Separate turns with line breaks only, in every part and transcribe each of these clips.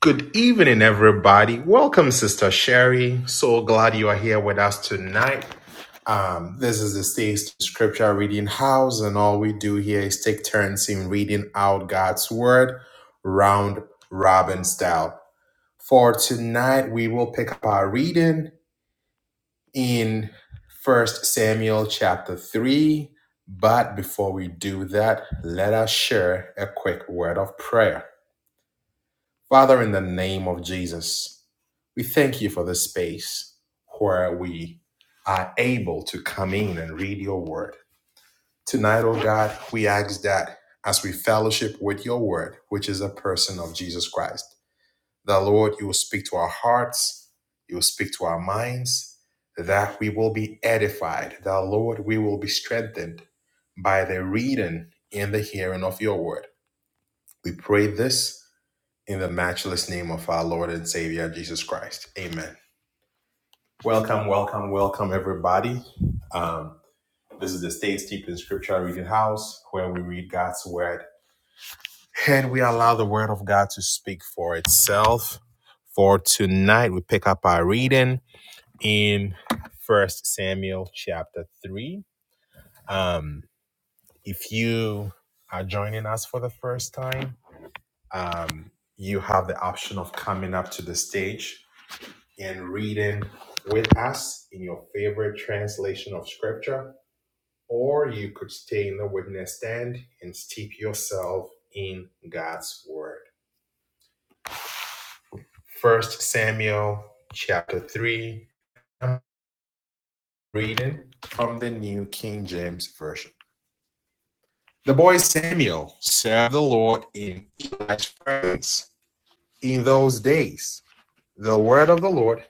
Good evening, everybody. Welcome, Sister Sherry. So glad you are here with us tonight. Um, this is the States Scripture Reading House, and all we do here is take turns in reading out God's Word, round robin style. For tonight, we will pick up our reading in First Samuel chapter 3. But before we do that, let us share a quick word of prayer. Father, in the name of Jesus, we thank you for this space where we are able to come in and read your word. Tonight, oh God, we ask that as we fellowship with your word, which is a person of Jesus Christ, that Lord, you will speak to our hearts, you will speak to our minds, that we will be edified, that Lord, we will be strengthened by the reading and the hearing of your word. We pray this in the matchless name of our Lord and Savior Jesus Christ. Amen. Welcome, welcome, welcome, everybody. Um, this is the Stay Steeped in Scripture Reading House where we read God's Word and we allow the Word of God to speak for itself. For tonight, we pick up our reading in First Samuel chapter 3. Um, if you are joining us for the first time, um, you have the option of coming up to the stage and reading with us in your favorite translation of scripture, or you could stay in the witness stand and steep yourself in God's word. First Samuel chapter 3. I'm reading from the New King James Version. The boy Samuel served the Lord in Eli's presence. In those days, the word of the Lord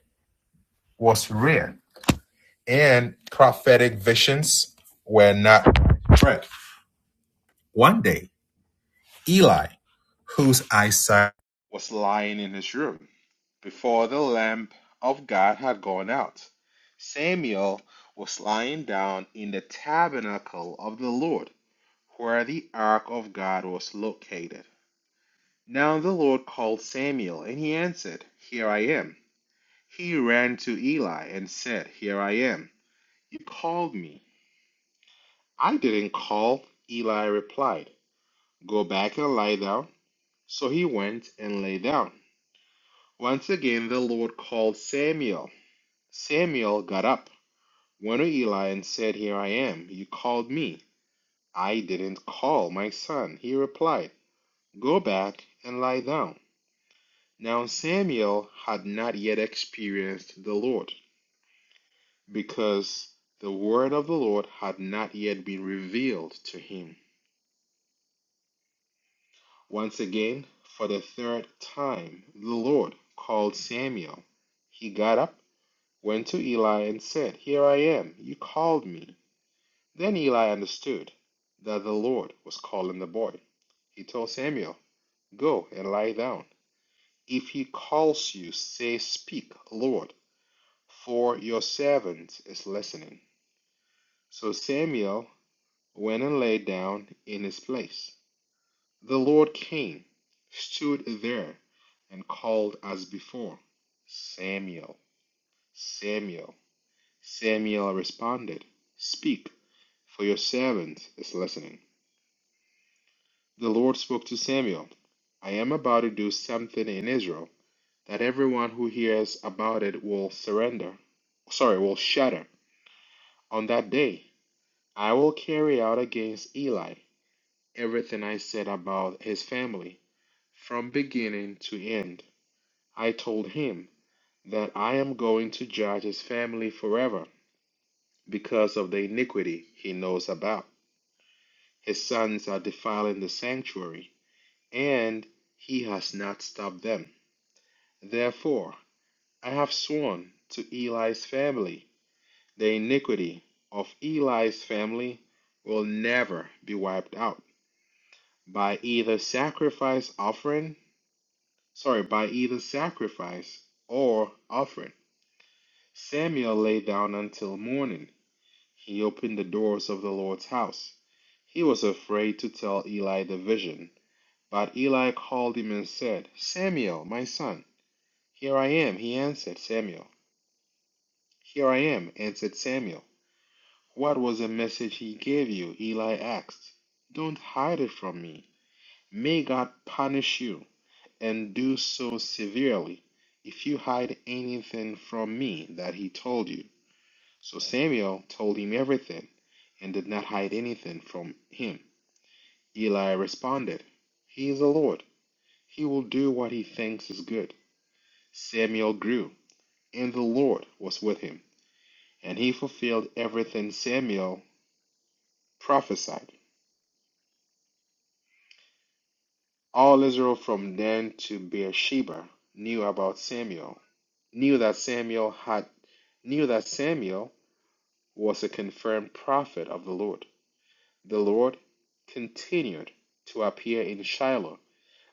was rare, and prophetic visions were not widespread. One day, Eli, whose eyesight was lying in his room before the lamp of God had gone out. Samuel was lying down in the tabernacle of the Lord, where the ark of God was located. Now the Lord called Samuel, and he answered, Here I am. He ran to Eli and said, Here I am. You called me. I didn't call, Eli replied. Go back and lie down. So he went and lay down. Once again the Lord called Samuel. Samuel got up, went to Eli, and said, Here I am. You called me. I didn't call, my son. He replied, Go back and lie down. Now Samuel had not yet experienced the Lord, because the word of the Lord had not yet been revealed to him. Once again, for the third time, the Lord called Samuel. He got up went to Eli and said, Here I am, you called me. Then Eli understood that the Lord was calling the boy. He told Samuel, Go and lie down. If he calls you, say, 'Speak, Lord, for your servant is listening. So Samuel went and lay down in his place. The Lord came, stood there, and called as before, Samuel, Samuel. Samuel responded, Speak, for your servant is listening. The Lord spoke to Samuel, I am about to do something in Israel that everyone who hears about it will surrender, sorry, will shudder. On that day, I will carry out against Eli everything I said about his family from beginning to end. I told him that I am going to judge his family forever because of the iniquity he knows about. His sons are defiling the sanctuary, and he has not stopped them. Therefore I have sworn to Eli's family, the iniquity of Eli's family will never be wiped out by either sacrifice offering, sorry, by either sacrifice or offering. Samuel lay down until morning. He opened the doors of the Lord's house. He was afraid to tell Eli the vision But Eli called him and said, Samuel, my son. Here I am, he answered Samuel. Here I am, answered Samuel. What was the message he gave you? Eli asked. Don't hide it from me. May God punish you, and do so severely, if you hide anything from me that he told you. So Samuel told him everything, and did not hide anything from him. Eli responded, He is the Lord. He will do what he thinks is good. Samuel grew, and the Lord was with him, and he fulfilled everything Samuel prophesied. All Israel from Dan to Beersheba knew about Samuel, knew that Samuel had knew that Samuel was a confirmed prophet of the Lord. The Lord continued to appear in Shiloh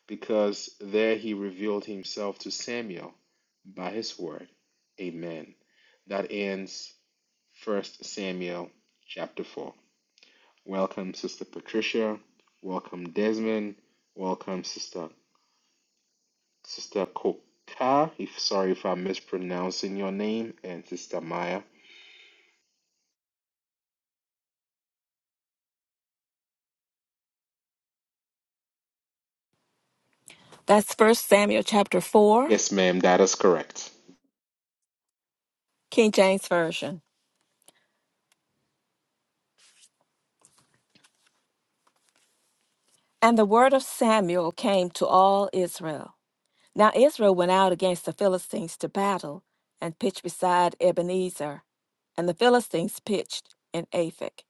because there he revealed himself to Samuel by his word. Amen. That ends First Samuel chapter 4. Welcome, Sister Patricia. Welcome, Desmond. Welcome, Sister Sister Koka. If sorry if I'm mispronouncing your name, and Sister Maya.
That's First Samuel chapter 4,
Yes, ma'am, that is correct.
King James Version. And the word of Samuel came to all Israel. Now Israel went out against the Philistines to battle and pitched beside Ebenezer. And the Philistines pitched in Aphek.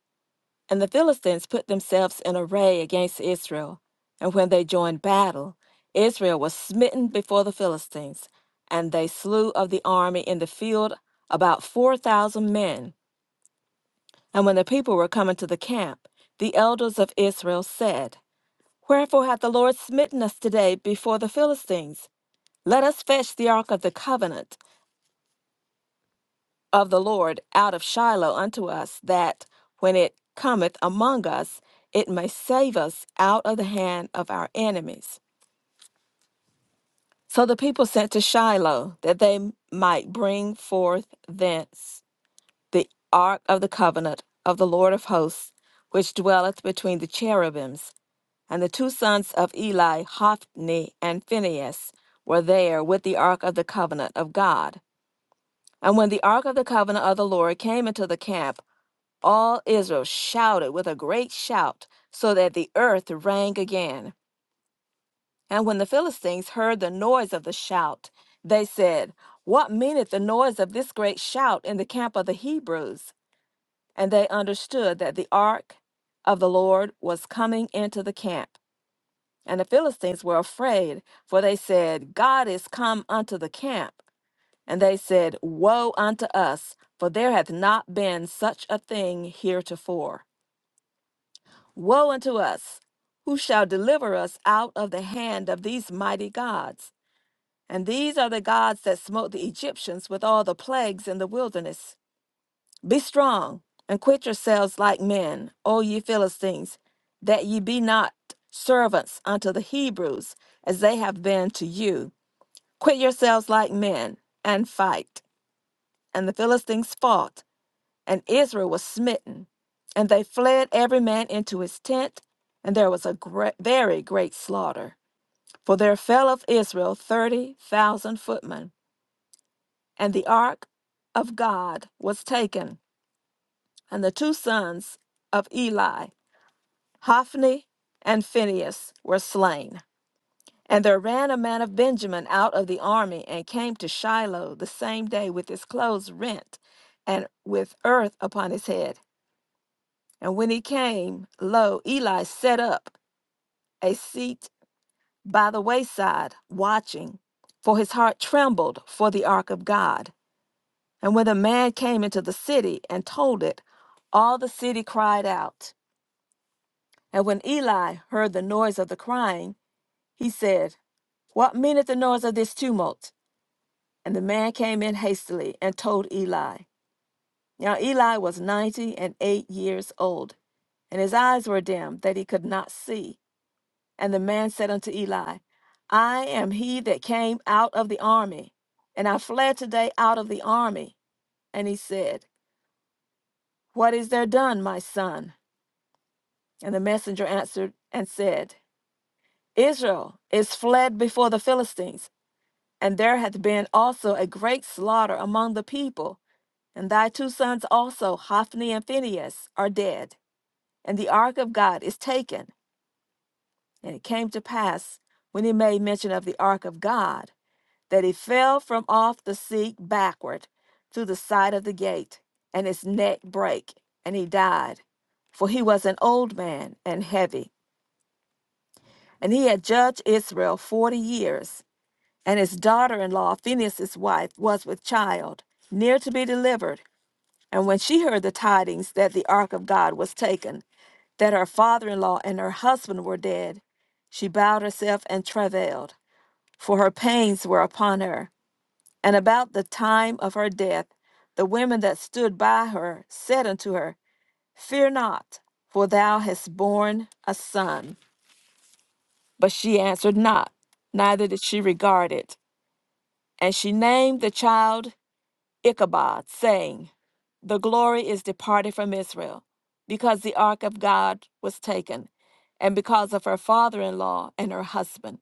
And the Philistines put themselves in array against Israel. And when they joined battle, Israel was smitten before the Philistines, and they slew of the army in the field about 4,000 men And when the people were coming to the camp, the elders of Israel said, Wherefore hath the Lord smitten us today before the Philistines? Let us fetch the ark of the covenant of the Lord out of Shiloh unto us, that when it cometh among us, it may save us out of the hand of our enemies. So the people sent to Shiloh, that they might bring forth thence the ark of the covenant of the Lord of hosts, which dwelleth between the cherubims. And the two sons of Eli, Hophni and Phinehas, were there with the ark of the covenant of God. And when the ark of the covenant of the Lord came into the camp, all Israel shouted with a great shout, so that the earth rang again. And when the Philistines heard the noise of the shout, they said, What meaneth the noise of this great shout in the camp of the Hebrews? And they understood that the ark of the Lord was coming into the camp. And the Philistines were afraid, for they said, God is come unto the camp. And they said, Woe unto us, for there hath not been such a thing heretofore. Woe unto us! Who shall deliver us out of the hand of these mighty gods? And these are the gods that smote the Egyptians with all the plagues in the wilderness. Be strong and quit yourselves like men, O ye Philistines, that ye be not servants unto the Hebrews, as they have been to you. Quit yourselves like men and fight. And the Philistines fought, and Israel was smitten. And they fled every man into his tent, and there was a great, very great slaughter. For there fell of Israel thirty thousand footmen, and the ark of God was taken, and the two sons of Eli Hophni and Phinehas were slain. And there ran a man of Benjamin out of the army and came to Shiloh the same day with his clothes rent and with earth upon his head. And when he came, lo, Eli set up a seat by the wayside, watching, for his heart trembled for the ark of God. And when the man came into the city and told it, all the city cried out. And when Eli heard the noise of the crying, He said, What meaneth the noise of this tumult? And the man came in hastily and told Eli. Now Eli was ninety and eight years old, and his eyes were dim that he could not see. And the man said unto Eli, I am he that came out of the army, and I fled today out of the army. And he said, What is there done, my son? And the messenger answered and said, Israel is fled before the Philistines And there hath been also a great slaughter among the people. And thy two sons also, Hophni and Phinehas, are dead. And the ark of God is taken. And it came to pass, when he made mention of the ark of God, that he fell from off the seat backward through the side of the gate, and his neck brake, and he died. For he was an old man and heavy, and he had judged Israel forty years. And his daughter in law, Phinehas's wife, was with child, near to be delivered. And when she heard the tidings that the ark of God was taken, that her father in law and her husband were dead, she bowed herself and travailed, for her pains were upon her. And about the time of her death, the women that stood by her said unto her, Fear not, for thou hast borne a son. But she answered not, neither did she regard it. And she named the child Ichabod, saying, The glory is departed from Israel, because the ark of God was taken, and because of her father in law and her husband.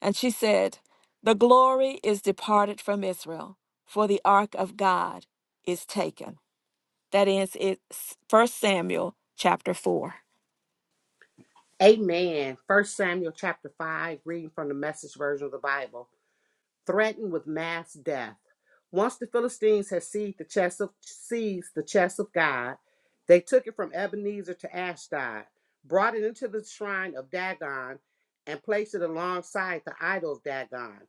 And she said, The glory is departed from Israel, for the ark of God is taken. That ends it First Samuel chapter 4.
Amen. First Samuel chapter 5, reading from the message version of the Bible. Threatened with mass death. Once the Philistines had seized the chest of, seized the chest of God, they took it from Ebenezer to Ashdod, brought it into the shrine of Dagon, and placed it alongside the idol of Dagon.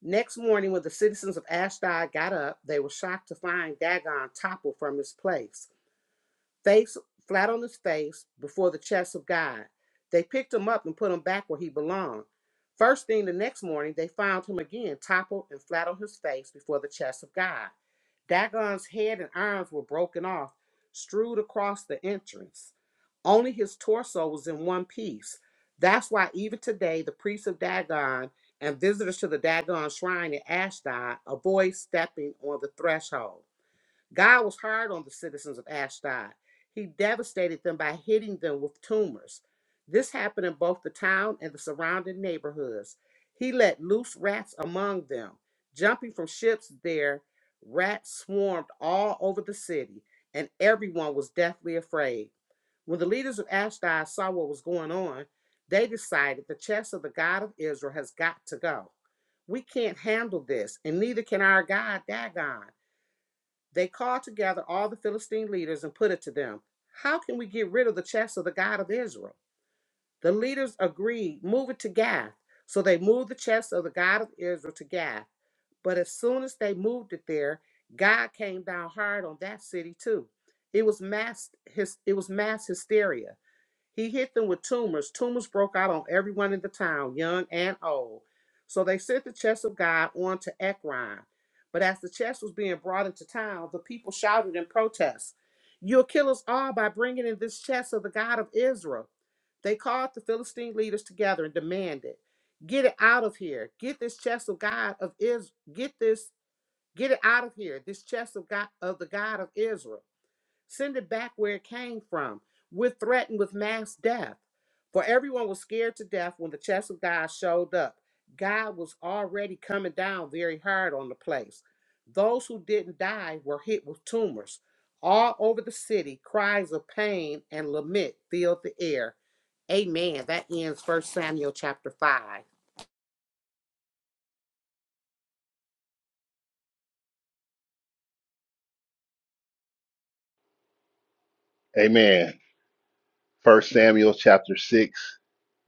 Next morning, when the citizens of Ashdod got up, they were shocked to find Dagon toppled from his place face flat on his face before the chest of God. They picked him up and put him back where he belonged. First thing the next morning, they found him again, toppled and flat on his face before the chest of God. Dagon's head and arms were broken off, strewed across the entrance. Only his torso was in one piece. That's why even today, the priests of Dagon and visitors to the Dagon shrine in Ashdod avoid stepping on the threshold. God was hard on the citizens of Ashdod. He devastated them by hitting them with tumors. This happened in both the town and the surrounding neighborhoods. He let loose rats among them. Jumping from ships there, rats swarmed all over the city, and everyone was deathly afraid. When the leaders of Ashdod saw what was going on, they decided the chest of the God of Israel has got to go. We can't handle this, and neither can our God Dagon. They called together all the Philistine leaders and put it to them How can we get rid of the chest of the God of Israel? The leaders agreed, Move it to Gath. So they moved the chest of the God of Israel to Gath. But as soon as they moved it there, God came down hard on that city too. It was mass his it was mass hysteria. He hit them with tumors. Tumors broke out on everyone in the town, young and old. So they sent the chest of God on to Ekron. But as the chest was being brought into town, the people shouted in protest, You'll kill us all by bringing in this chest of the God of Israel. They called the Philistine leaders together and demanded, Get it out of here. Get this chest of God of Israel. Get this. Get it out of here. This chest of God of the God of Israel. Send it back where it came from. We're threatened with mass death. For everyone was scared to death when the chest of God showed up. God was already coming down very hard on the place. Those who didn't die were hit with tumors. All over the city, cries of pain and lament filled the air. Amen. That ends 1 Samuel chapter 5.
Amen. First Samuel chapter six,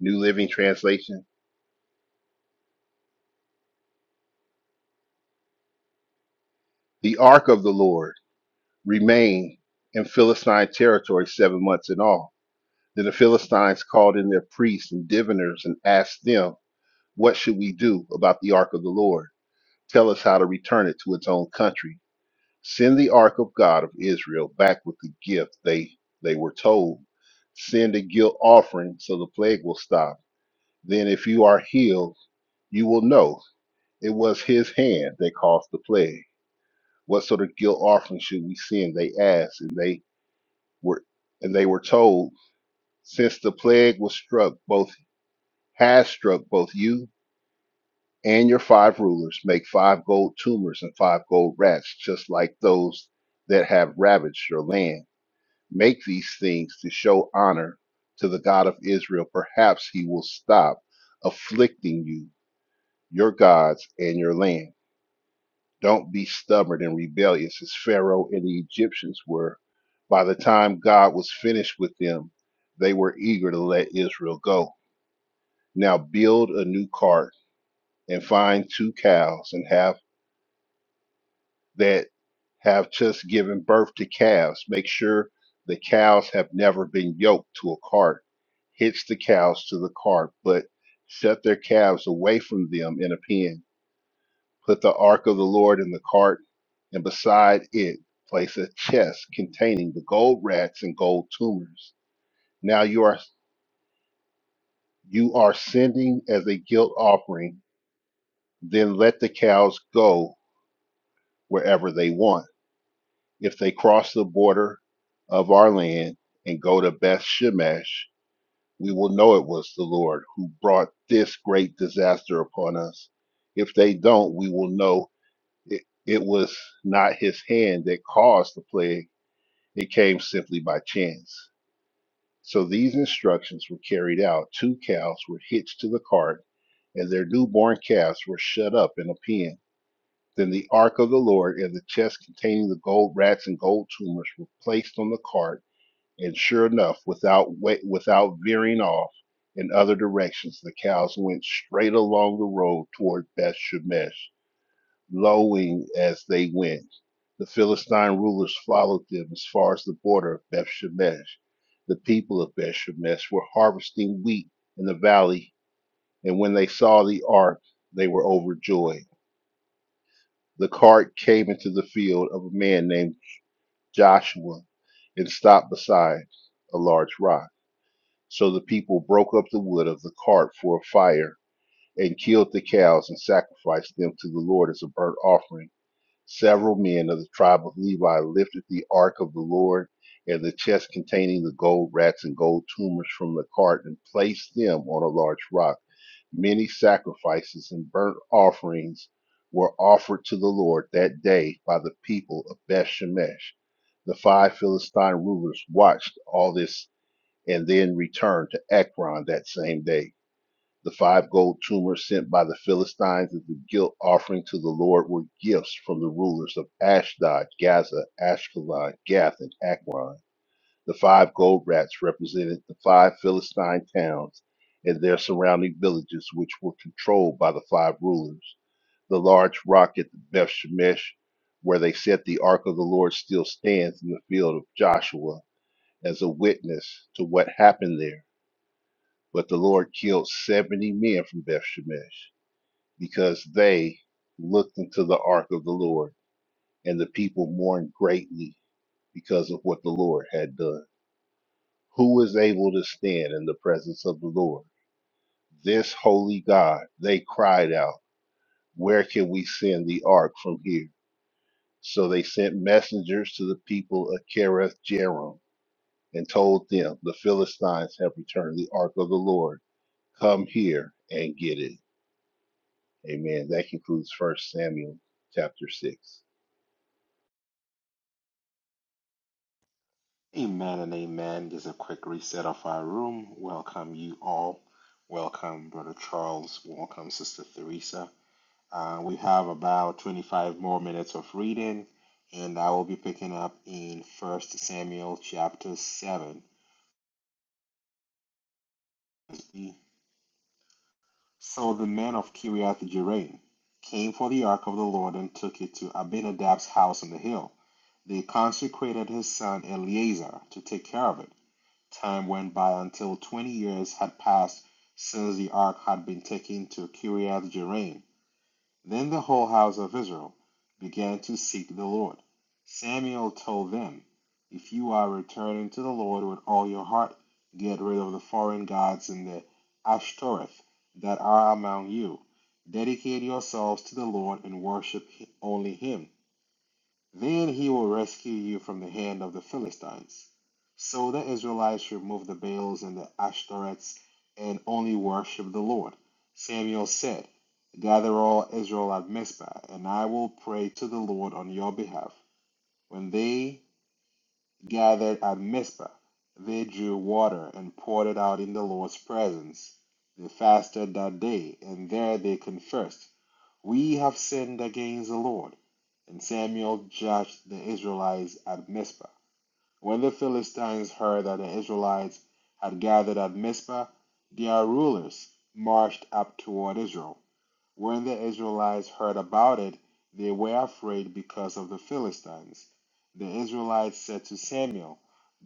New Living Translation. The ark of the Lord remained in Philistine territory seven months in all. Then the Philistines called in their priests and diviners and asked them, What should we do about the ark of the Lord? Tell us how to return it to its own country. Send the ark of God of Israel back with the gift they they were told. Send a guilt offering so the plague will stop. Then if you are healed, you will know It was his hand that caused the plague. What sort of guilt offering should we send? They asked, and they were and they were told, since the plague was struck, both has struck both you and your five rulers, make five gold tumors and five gold rats, just like those that have ravaged your land. Make these things to show honor to the God of Israel. Perhaps he will stop afflicting you, your gods, and your land. Don't be stubborn and rebellious as Pharaoh and the Egyptians were. By the time God was finished with them, they were eager to let Israel go. Now build a new cart and find two cows and have that have just given birth to calves. Make sure the cows have never been yoked to a cart. Hitch the cows to the cart, but set their calves away from them in a pen Put the ark of the Lord in the cart, and beside it place a chest containing the gold rats and gold tumors. Now you are you are sending as a guilt offering. Then let the cows go wherever they want. If they cross the border of our land and go to Beth Shemesh, we will know it was the Lord who brought this great disaster upon us. If they don't, we will know it, it was not his hand that caused the plague It came simply by chance. So these instructions were carried out. Two cows were hitched to the cart, and their newborn calves were shut up in a pen. Then the ark of the Lord and the chest containing the gold rats and gold tumors were placed on the cart, and sure enough, without without veering off in other directions, the cows went straight along the road toward Beth Shemesh lowing as they went. The Philistine rulers followed them as far as the border of Beth Shemesh. The people of Beth Shemesh were harvesting wheat in the valley, and when they saw the ark, they were overjoyed. The cart came into the field of a man named Joshua and stopped beside a large rock. So the people broke up the wood of the cart for a fire and killed the cows and sacrificed them to the Lord as a burnt offering Several men of the tribe of Levi lifted the ark of the Lord and the chest containing the gold rats and gold tumors from the cart and placed them on a large rock. Many sacrifices and burnt offerings were offered to the Lord that day by the people of Beth Shemesh. The five Philistine rulers watched all this and then returned to Ekron that same day. The five gold tumors sent by the Philistines as a guilt offering to the Lord were gifts from the rulers of Ashdod, Gaza, Ashkelon, Gath, and Akron. The five gold rats represented the five Philistine towns and their surrounding villages, which were controlled by the five rulers. The large rock at the Beth Shemesh, where they set the ark of the Lord, still stands in the field of Joshua as a witness to what happened there. But the Lord killed 70 men from Beth Shemesh because they looked into the ark of the Lord, and the people mourned greatly because of what the Lord had done. Who is able to stand in the presence of the Lord? This holy God, they cried out, Where can we send the ark from here? So they sent messengers to the people of Kereth Jearim and told them, The Philistines have returned the ark of the Lord. Come here and get it. Amen. That concludes First Samuel chapter 6.
Amen and amen. Just a quick reset of our room. Welcome you all. Welcome, Brother Charles. Welcome, Sister Theresa. Uh, we have about 25 more minutes of reading, and I will be picking up in First Samuel chapter 7. Let's be So the men of Kiriath Jearim came for the ark of the Lord and took it to Abinadab's house on the hill. They consecrated his son Eleazar to take care of it. Time went by until twenty years had passed since the ark had been taken to Kiriath Jearim. Then the whole house of Israel began to seek the Lord. Samuel told them, If you are returning to the Lord with all your heart, get rid of the foreign gods and the Ashtoreth that are among you. Dedicate yourselves to the Lord and worship only Him. Then he will rescue you from the hand of the Philistines. So the Israelites removed the Baals and the Ashtoreths and only worshiped the Lord. Samuel said, Gather all Israel at Mizpah, and I will pray to the Lord on your behalf. When they gathered at Mizpah, they drew water and poured it out in the Lord's presence. They fasted that day, and there they confessed, We have sinned against the Lord. And Samuel judged the Israelites at Mizpah. When the Philistines heard that the Israelites had gathered at Mizpah, their rulers marched up toward Israel. When the Israelites heard about it, they were afraid because of the Philistines. The Israelites said to Samuel,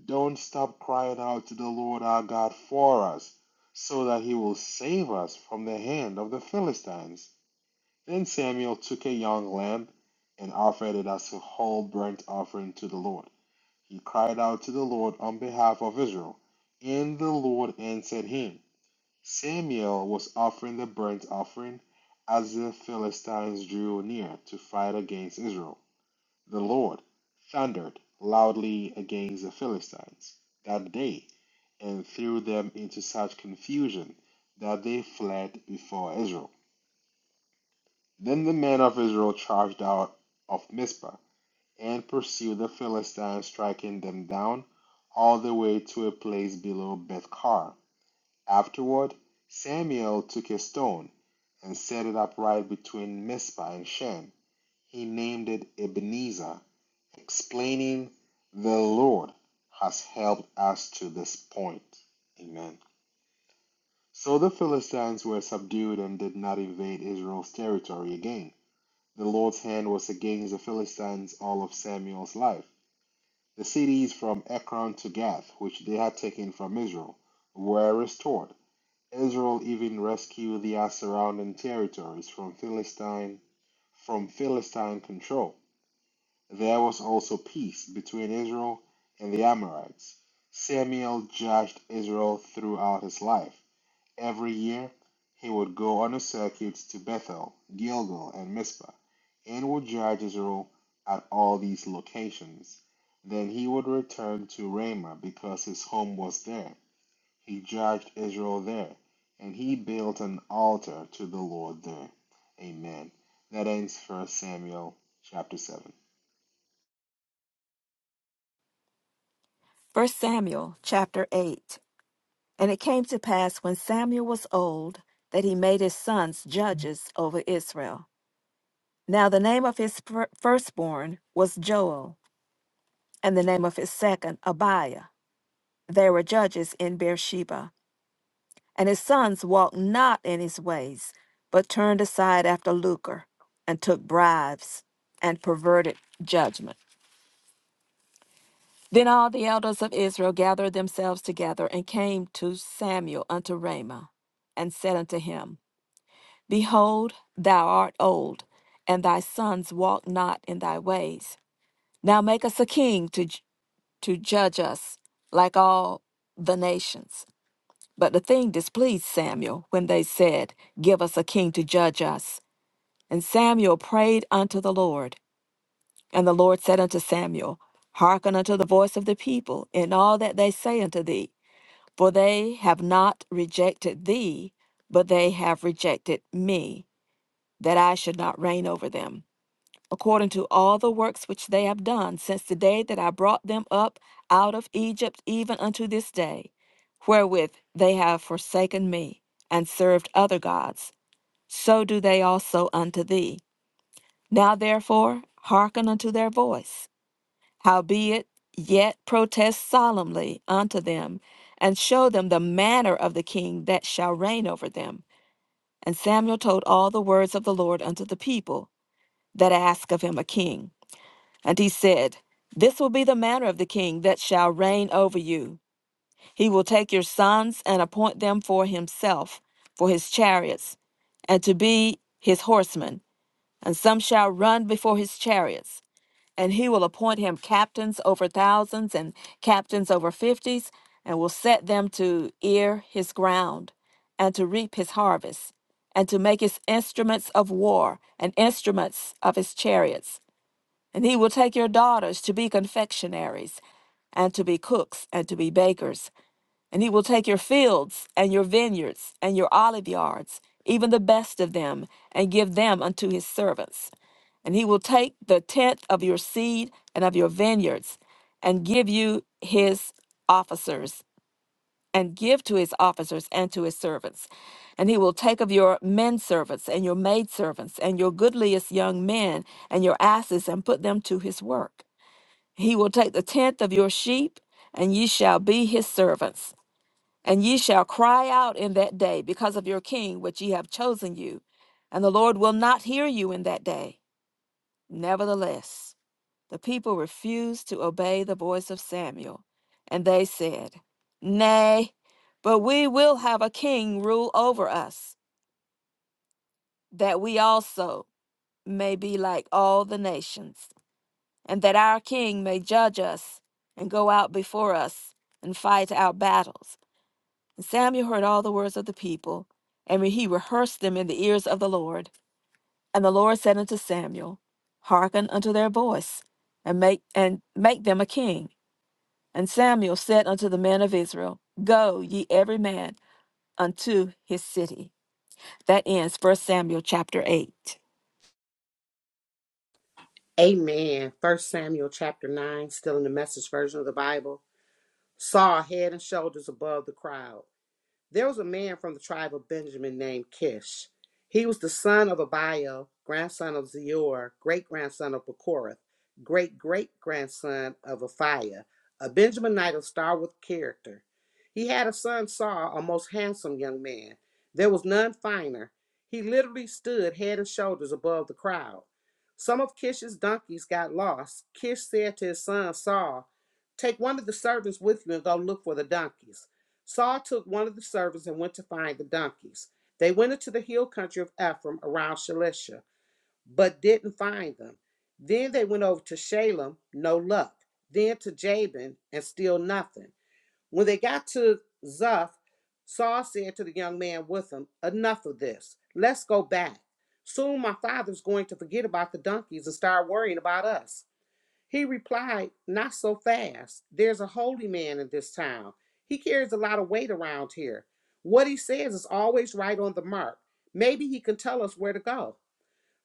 Don't stop crying out to the Lord our God for us, so that he will save us from the hand of the Philistines. Then Samuel took a young lamb and offered it as a whole burnt offering to the Lord. He cried out to the Lord on behalf of Israel, and the Lord answered him. Samuel was offering the burnt offering as the Philistines drew near to fight against Israel. The Lord thundered loudly against the Philistines that day and threw them into such confusion that they fled before Israel. Then the men of Israel charged out of Mizpah, and pursued the Philistines, striking them down all the way to a place below Bethkar. Afterward, Samuel took a stone and set it upright between Mizpah and Shem. He named it Ebenezer, explaining, "The Lord has helped us to this point." Amen. So the Philistines were subdued and did not invade Israel's territory again. The Lord's hand was against the Philistines all of Samuel's life. The cities from Ekron to Gath, which they had taken from Israel, were restored. Israel even rescued the surrounding territories from Philistine from Philistine control. There was also peace between Israel and the Amorites. Samuel judged Israel throughout his life. Every year he would go on a circuit to Bethel, Gilgal, and Mizpah, and would judge Israel at all these locations. Then he would return to Ramah because his home was there. He judged Israel there, and he built an altar to the Lord there. Amen. That ends First Samuel chapter 7.
First Samuel chapter 8. And it came to pass when Samuel was old that he made his sons judges over Israel. Now the name of his fir- firstborn was Joel, and the name of his second Abiah. They were judges in Beersheba. And his sons walked not in his ways, but turned aside after lucre, and took bribes, and perverted judgment. Then all the elders of Israel gathered themselves together, and came to Samuel unto Ramah, and said unto him, Behold, thou art old, and thy sons walk not in thy ways. Now make us a king to. to judge us like all the nations. But the thing displeased Samuel when they said, Give us a king to judge us. And Samuel prayed unto the Lord. And the Lord said unto Samuel, Hearken unto the voice of the people in all that they say unto thee, for they have not rejected thee, but they have rejected me, that I should not reign over them according to all the works which they have done since the day that I brought them up out of Egypt, even unto this day, wherewith they have forsaken me, and served other gods, so do they also unto thee. Now therefore hearken unto their voice. Howbeit, yet protest solemnly unto them, and show them the manner of the king that shall reign over them. And Samuel told all the words of the Lord unto the people that ask of him a king. And he said, This will be the manner of the king that shall reign over you. He will take your sons and appoint them for himself, for his chariots, and to be his horsemen. And some shall run before his chariots. And he will appoint him captains over thousands and captains over fifties, and will set them to ear his ground, and to reap his harvest, and to make his instruments of war, and instruments of his chariots. And he will take your daughters to be confectionaries, and to be cooks, and to be bakers. And he will take your fields, and your vineyards, and your olive yards, even the best of them, and give them unto his servants. And he will take the tenth of your seed and of your vineyards, and give you his officers, and give to his officers and to his servants. And he will take of your men servants, and your maid servants, and your goodliest young men, and your asses, and put them to his work he will take the tenth of your sheep, and ye shall be his servants. And ye shall cry out in that day because of your king, which ye have chosen you. And the Lord will not hear you in that day. Nevertheless, the people refused to obey the voice of Samuel. And they said, Nay, but we will have a king rule over us, that we also may be like all the nations. and that our king may judge us and go out before us and fight our battles. And Samuel heard all the words of the people, and he rehearsed them in the ears of the Lord. And the Lord said unto Samuel, Hearken unto their voice, and make and make them a king. And Samuel said unto the men of Israel, Go ye every man unto his city. That ends First Samuel chapter eight.
Amen. 1 Samuel chapter 9, still in the message version of the Bible, saw head and shoulders above the crowd. There was a man from the tribe of Benjamin named Kish. He was the son of Abio, grandson of Zeor, great grandson of Bechorath, great great grandson of Aphiah, a Benjaminite of stalwart character. He had a son, Saul, a most handsome young man. There was none finer. He literally stood head and shoulders above the crowd. Some of Kish's donkeys got lost. Kish said to his son, Saul, Take one of the servants with you and go look for the donkeys. Saul took one of the servants and went to find the donkeys. They went into the hill country of Ephraim around Shalisha, but didn't find them. Then they went over to Shalem, no luck. Then to Jabin, and still nothing. When they got to Zoph, Saul said to the young man with him, Enough of this. Let's go back. Soon my father's going to forget about the donkeys and start worrying about us. He replied, Not so fast. There's a holy man in this town. He carries a lot of weight around here. What he says is always right on the mark. Maybe he can tell us where to go.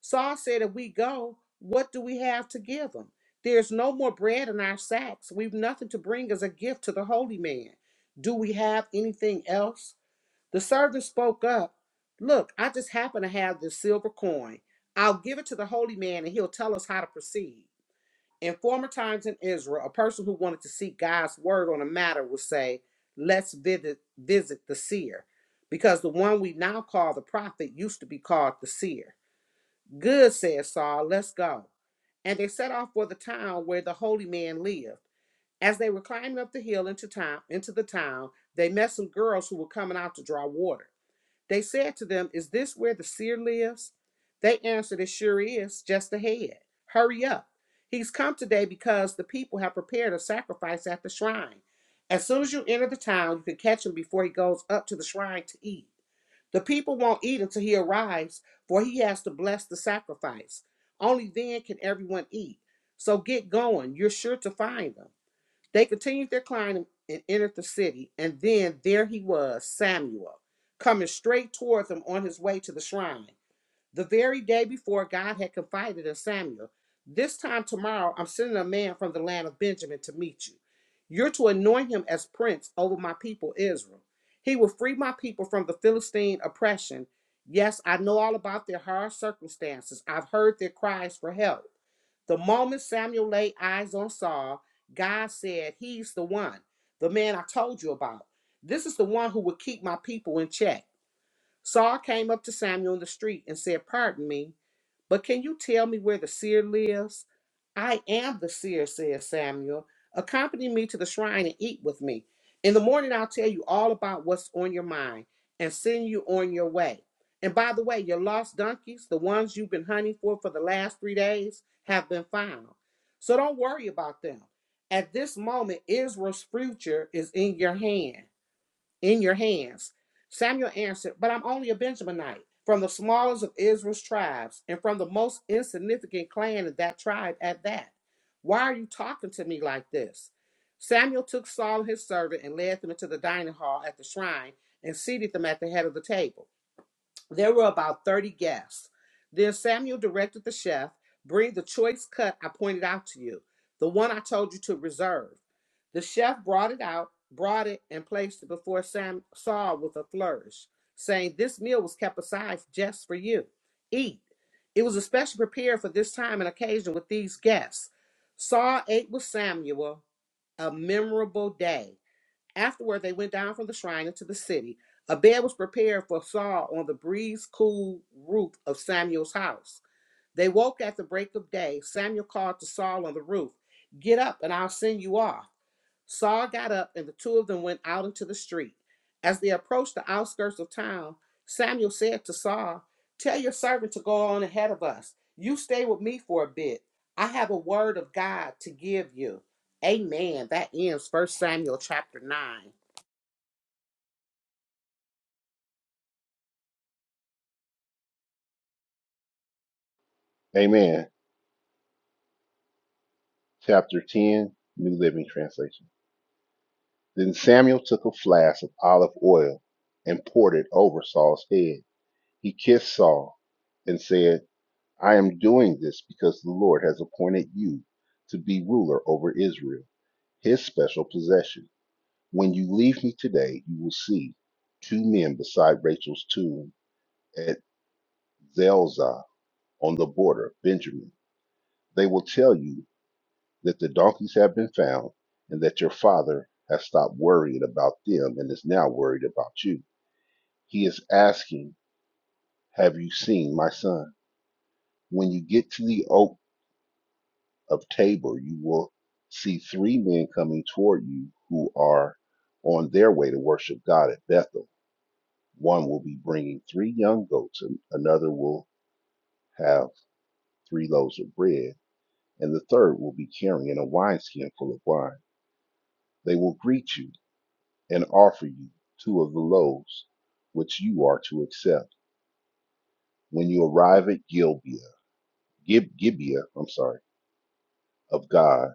Saul said, If we go, what do we have to give him? There's no more bread in our sacks. We've nothing to bring as a gift to the holy man. Do we have anything else? The servant spoke up. Look, I just happen to have this silver coin. I'll give it to the holy man and he'll tell us how to proceed. In former times in Israel, a person who wanted to seek God's word on a matter would say, Let's visit, visit the seer, because the one we now call the prophet used to be called the seer. Good, said Saul, let's go. And they set off for the town where the holy man lived. As they were climbing up the hill into town, into the town, they met some girls who were coming out to draw water. They said to them, Is this where the seer lives? They answered, It sure is, just ahead. Hurry up. He's come today because the people have prepared a sacrifice at the shrine. As soon as you enter the town, you can catch him before he goes up to the shrine to eat. The people won't eat until he arrives, for he has to bless the sacrifice. Only then can everyone eat. So get going. You're sure to find them. They continued their climb and entered the city, and then there he was, Samuel, coming straight toward them on his way to the shrine. The very day before God had confided in Samuel, This time tomorrow I'm sending a man from the land of Benjamin to meet you. You're to anoint him as prince over my people Israel. He will free my people from the Philistine oppression. Yes, I know all about their hard circumstances. I've heard their cries for help. The moment Samuel laid eyes on Saul, God said, He's the one, the man I told you about. This is the one who will keep my people in check. Saul came up to Samuel in the street and said, Pardon me, but can you tell me where the seer lives? I am the seer, said Samuel. Accompany me to the shrine and eat with me. In the morning, I'll tell you all about what's on your mind and send you on your way. And by the way, your lost donkeys, the ones you've been hunting for for the last three days, have been found. So don't worry about them. At this moment, Israel's future is in your hand in your hands. Samuel answered, But I'm only a Benjaminite, from the smallest of Israel's tribes, and from the most insignificant clan of that tribe at that. Why are you talking to me like this? Samuel took Saul and his servant and led them into the dining hall at the shrine and seated them at the head of the table. There were about 30 guests. Then Samuel directed the chef, Bring the choice cut I pointed out to you, the one I told you to reserve. The chef brought it out, brought it, and placed it before Sam Saul with a flourish, saying, This meal was kept aside just for you. Eat. It was especially prepared for this time and occasion with these guests. Saul ate with Samuel, a memorable day. Afterward, they went down from the shrine into the city. A bed was prepared for Saul on the breeze cool roof of Samuel's house. They woke at the break of day. Samuel called to Saul on the roof, Get up, and I'll send you off. Saul got up, and the two of them went out into the street. As they approached the outskirts of town, Samuel said to Saul, Tell your servant to go on ahead of us. You stay with me for a bit. I have a word of God to give you. Amen. That ends First Samuel chapter 9.
Amen. chapter 10, New Living Translation. Then Samuel took a flask of olive oil and poured it over Saul's head. He kissed Saul and said, I am doing this because the Lord has appointed you to be ruler over Israel, his special possession. When you leave me today, you will see two men beside Rachel's tomb at Zelzah on the border of Benjamin. They will tell you that the donkeys have been found and that your father has stopped worrying about them and is now worried about you. He is asking, Have you seen my son? When you get to the oak of Tabor, you will see three men coming toward you who are on their way to worship God at Bethel. One will be bringing three young goats, and another will have three loaves of bread, and the third will be carrying a wineskin full of wine. They will greet you and offer you two of the loaves, which you are to accept. When you arrive at Gibeah, Gib- Gibeah, I'm sorry, of God,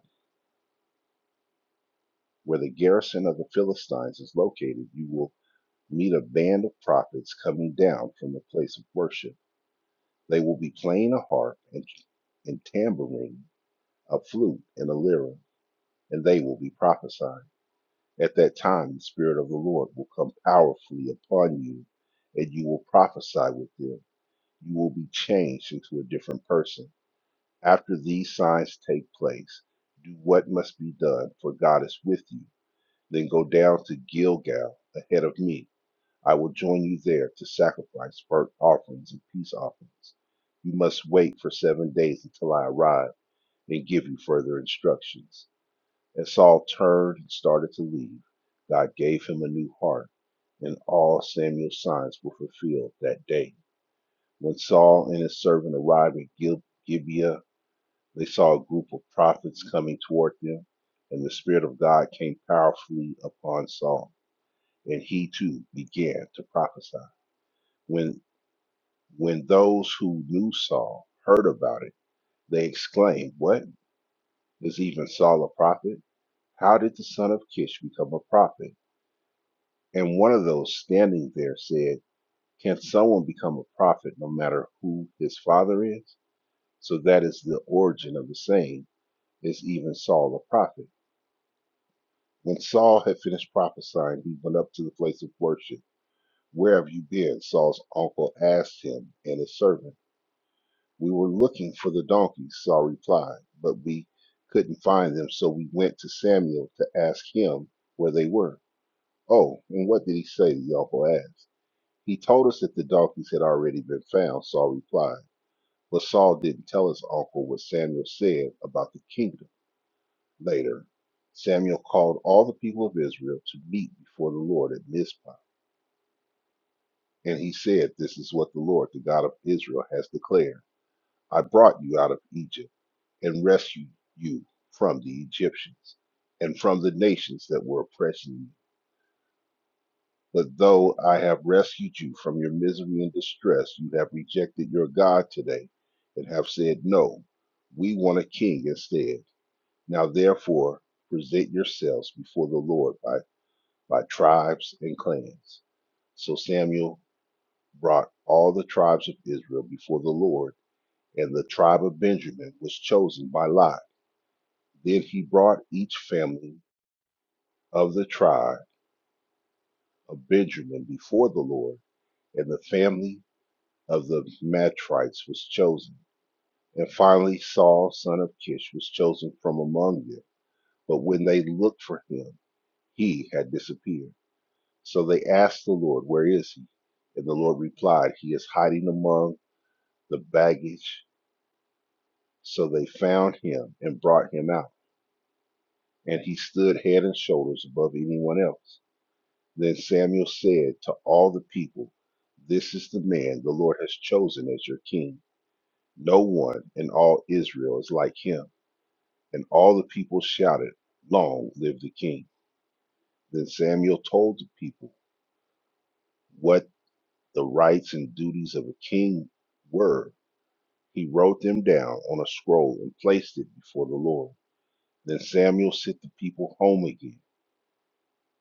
where the garrison of the Philistines is located, you will meet a band of prophets coming down from the place of worship. They will be playing a harp and, and tambourine, a flute and a lyre, and they will be prophesying. At that time, the Spirit of the Lord will come powerfully upon you, and you will prophesy with them you will be changed into a different person. After these signs take place, do what must be done, for God is with you. Then go down to Gilgal ahead of me. I will join you there to sacrifice burnt offerings and peace offerings. You must wait for seven days until I arrive and give you further instructions. As Saul turned and started to leave, God gave him a new heart, and all Samuel's signs were fulfilled that day. When Saul and his servant arrived in Gil- Gibeah, they saw a group of prophets coming toward them, and the Spirit of God came powerfully upon Saul, and he too began to prophesy. When when those who knew Saul heard about it, they exclaimed, "What is even Saul a prophet? How did the son of Kish become a prophet?" And one of those standing there said, "Can someone become a prophet no matter who his father is?" So that is the origin of the saying, is even Saul a prophet? When Saul had finished prophesying, he went up to the place of worship. Where have you been? Saul's uncle asked him and his servant. We were looking for the donkeys, Saul replied, but we couldn't find them, so we went to Samuel to ask him where they were. Oh, and what did he say? The uncle asked. He told us that the donkeys had already been found, Saul replied. But Saul didn't tell his uncle what Samuel said about the kingdom. Later, Samuel called all the people of Israel to meet before the Lord at Mizpah. And he said, This is what the Lord, the God of Israel, has declared I brought you out of Egypt and rescued you from the Egyptians and from the nations that were oppressing you. But though I have rescued you from your misery and distress, you have rejected your God today and have said, 'No, we want a king instead. Now therefore, present yourselves before the Lord by." by tribes and clans. So Samuel brought all the tribes of Israel before the Lord, and the tribe of Benjamin was chosen by lot. Then he brought each family of the tribe of Benjamin before the Lord, and the family of the Matrites was chosen. And finally, Saul, son of Kish, was chosen from among them. But when they looked for him, he had disappeared. So they asked the Lord, Where is he? And the Lord replied, He is hiding among the baggage. So they found him and brought him out, and he stood head and shoulders above anyone else. Then Samuel said to all the people, This is the man the Lord has chosen as your king. No one in all Israel is like him. And all the people shouted, Long live the king. Then Samuel told the people what the rights and duties of a king were. He wrote them down on a scroll and placed it before the Lord. Then Samuel sent the people home again.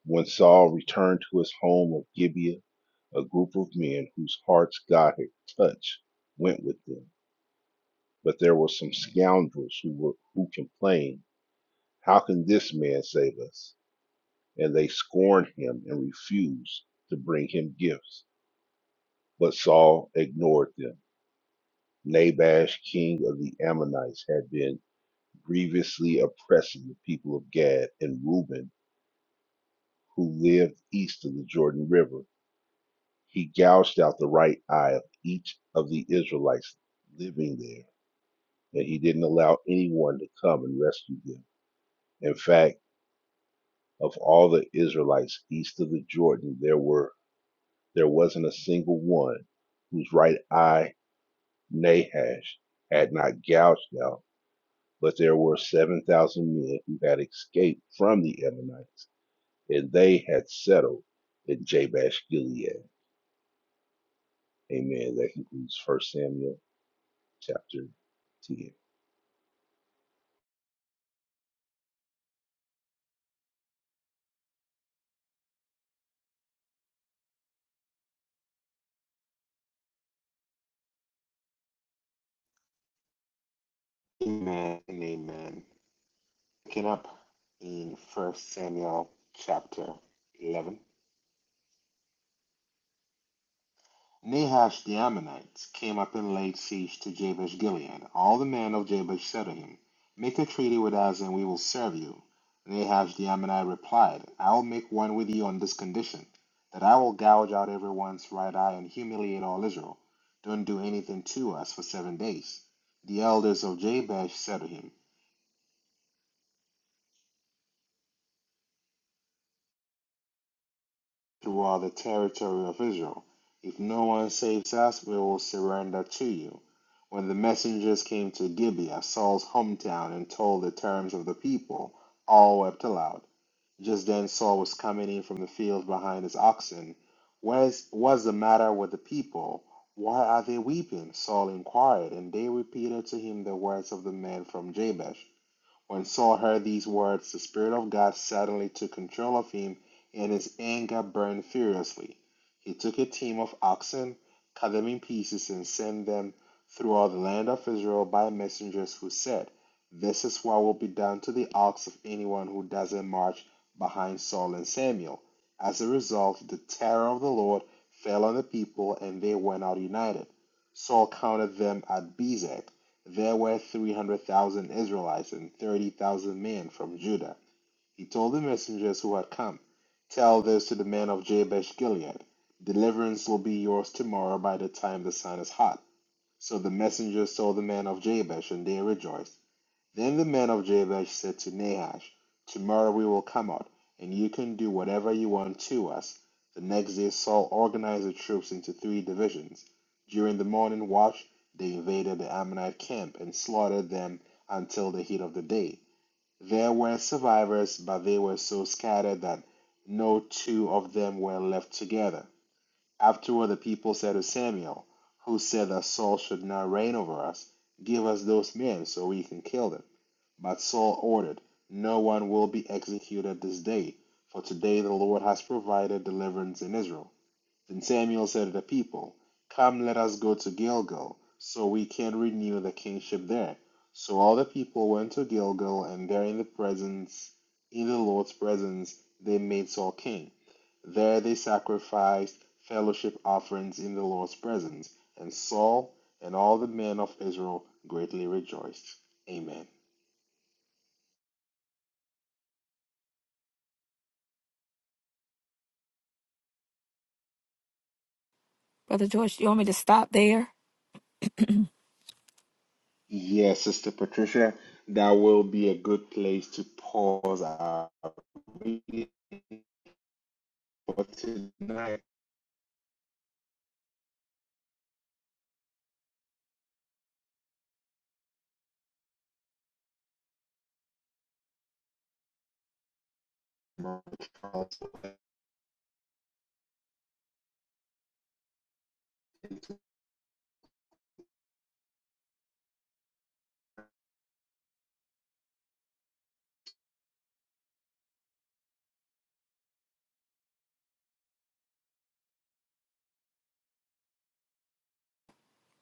When Saul returned to his home of Gibeah, a group of men whose hearts God had touched went with them. But there were some scoundrels who were who complained, "How can this man save us?" And they scorned him and refused to bring him gifts. But Saul ignored them. Nabash, king of the Ammonites, had been grievously oppressing the people of Gad and Reuben, who lived east of the Jordan River He gouged out the right eye of each of the Israelites living there, and he didn't allow anyone to come and rescue them. In fact, of all the Israelites east of the Jordan, there were there wasn't a single one whose right eye Nahash had not gouged out, but there were seven thousand men who had escaped from the Ammonites, and they had settled in Jabesh Gilead. Amen. That concludes First Samuel chapter 10.
Amen and amen. Picking up in First Samuel chapter 11. Nahash the Ammonites came up and laid siege to Jabesh Gilead. All the men of Jabesh said to him, Make a treaty with us, and we will serve you. Nahash the Ammonite replied, I will make one with you on this condition, that I will gouge out everyone's right eye and humiliate all Israel. Don't do anything to us for seven days. The elders of Jabesh said to him. Throughout the territory of Israel. If no one saves us, we will surrender to you. When the messengers came to Gibeah, Saul's hometown, and told the terms of the people, all wept aloud. Just then Saul was coming in from the field behind his oxen. What is, what is the matter with the people? Why are they weeping? Saul inquired, and they repeated to him the words of the men from Jabesh. When Saul heard these words, the Spirit of God suddenly took control of him, and his anger burned furiously. He took a team of oxen, cut them in pieces, and sent them through all the land of Israel by messengers who said, This is what will be done to the ox of anyone who doesn't march behind Saul and Samuel. As a result, the terror of the Lord fell on the people, and they went out united. Saul counted them at Bezek there were three hundred thousand Israelites and thirty thousand men from Judah. He told the messengers who had come, Tell this to the men of Jabesh Gilead, Deliverance will be yours tomorrow by the time the sun is hot. So the messengers told the men of Jabesh, and they rejoiced. Then the men of Jabesh said to Nahash, Tomorrow we will come out, and you can do whatever you want to us. The next day Saul organized the troops into three divisions. During the morning watch, they invaded the Ammonite camp and slaughtered them until the heat of the day. There were survivors, but they were so scattered that no two of them were left together. Afterward, the people said to Samuel, who said that Saul should not reign over us, Give us those men so we can kill them. But Saul ordered, No one will be executed this day, for today the Lord has provided deliverance in Israel. Then Samuel said to the people, Come, let us go to Gilgal, so we can renew the kingship there. So all the people went to Gilgal, and there in the presence, in the Lord's presence, they made Saul king. There they sacrificed fellowship offerings in the Lord's presence, and Saul and all the men of Israel greatly rejoiced. Amen.
Brother George, do you want me to stop there?
Yes, Sister Patricia, that will be a good place to pause our reading for tonight.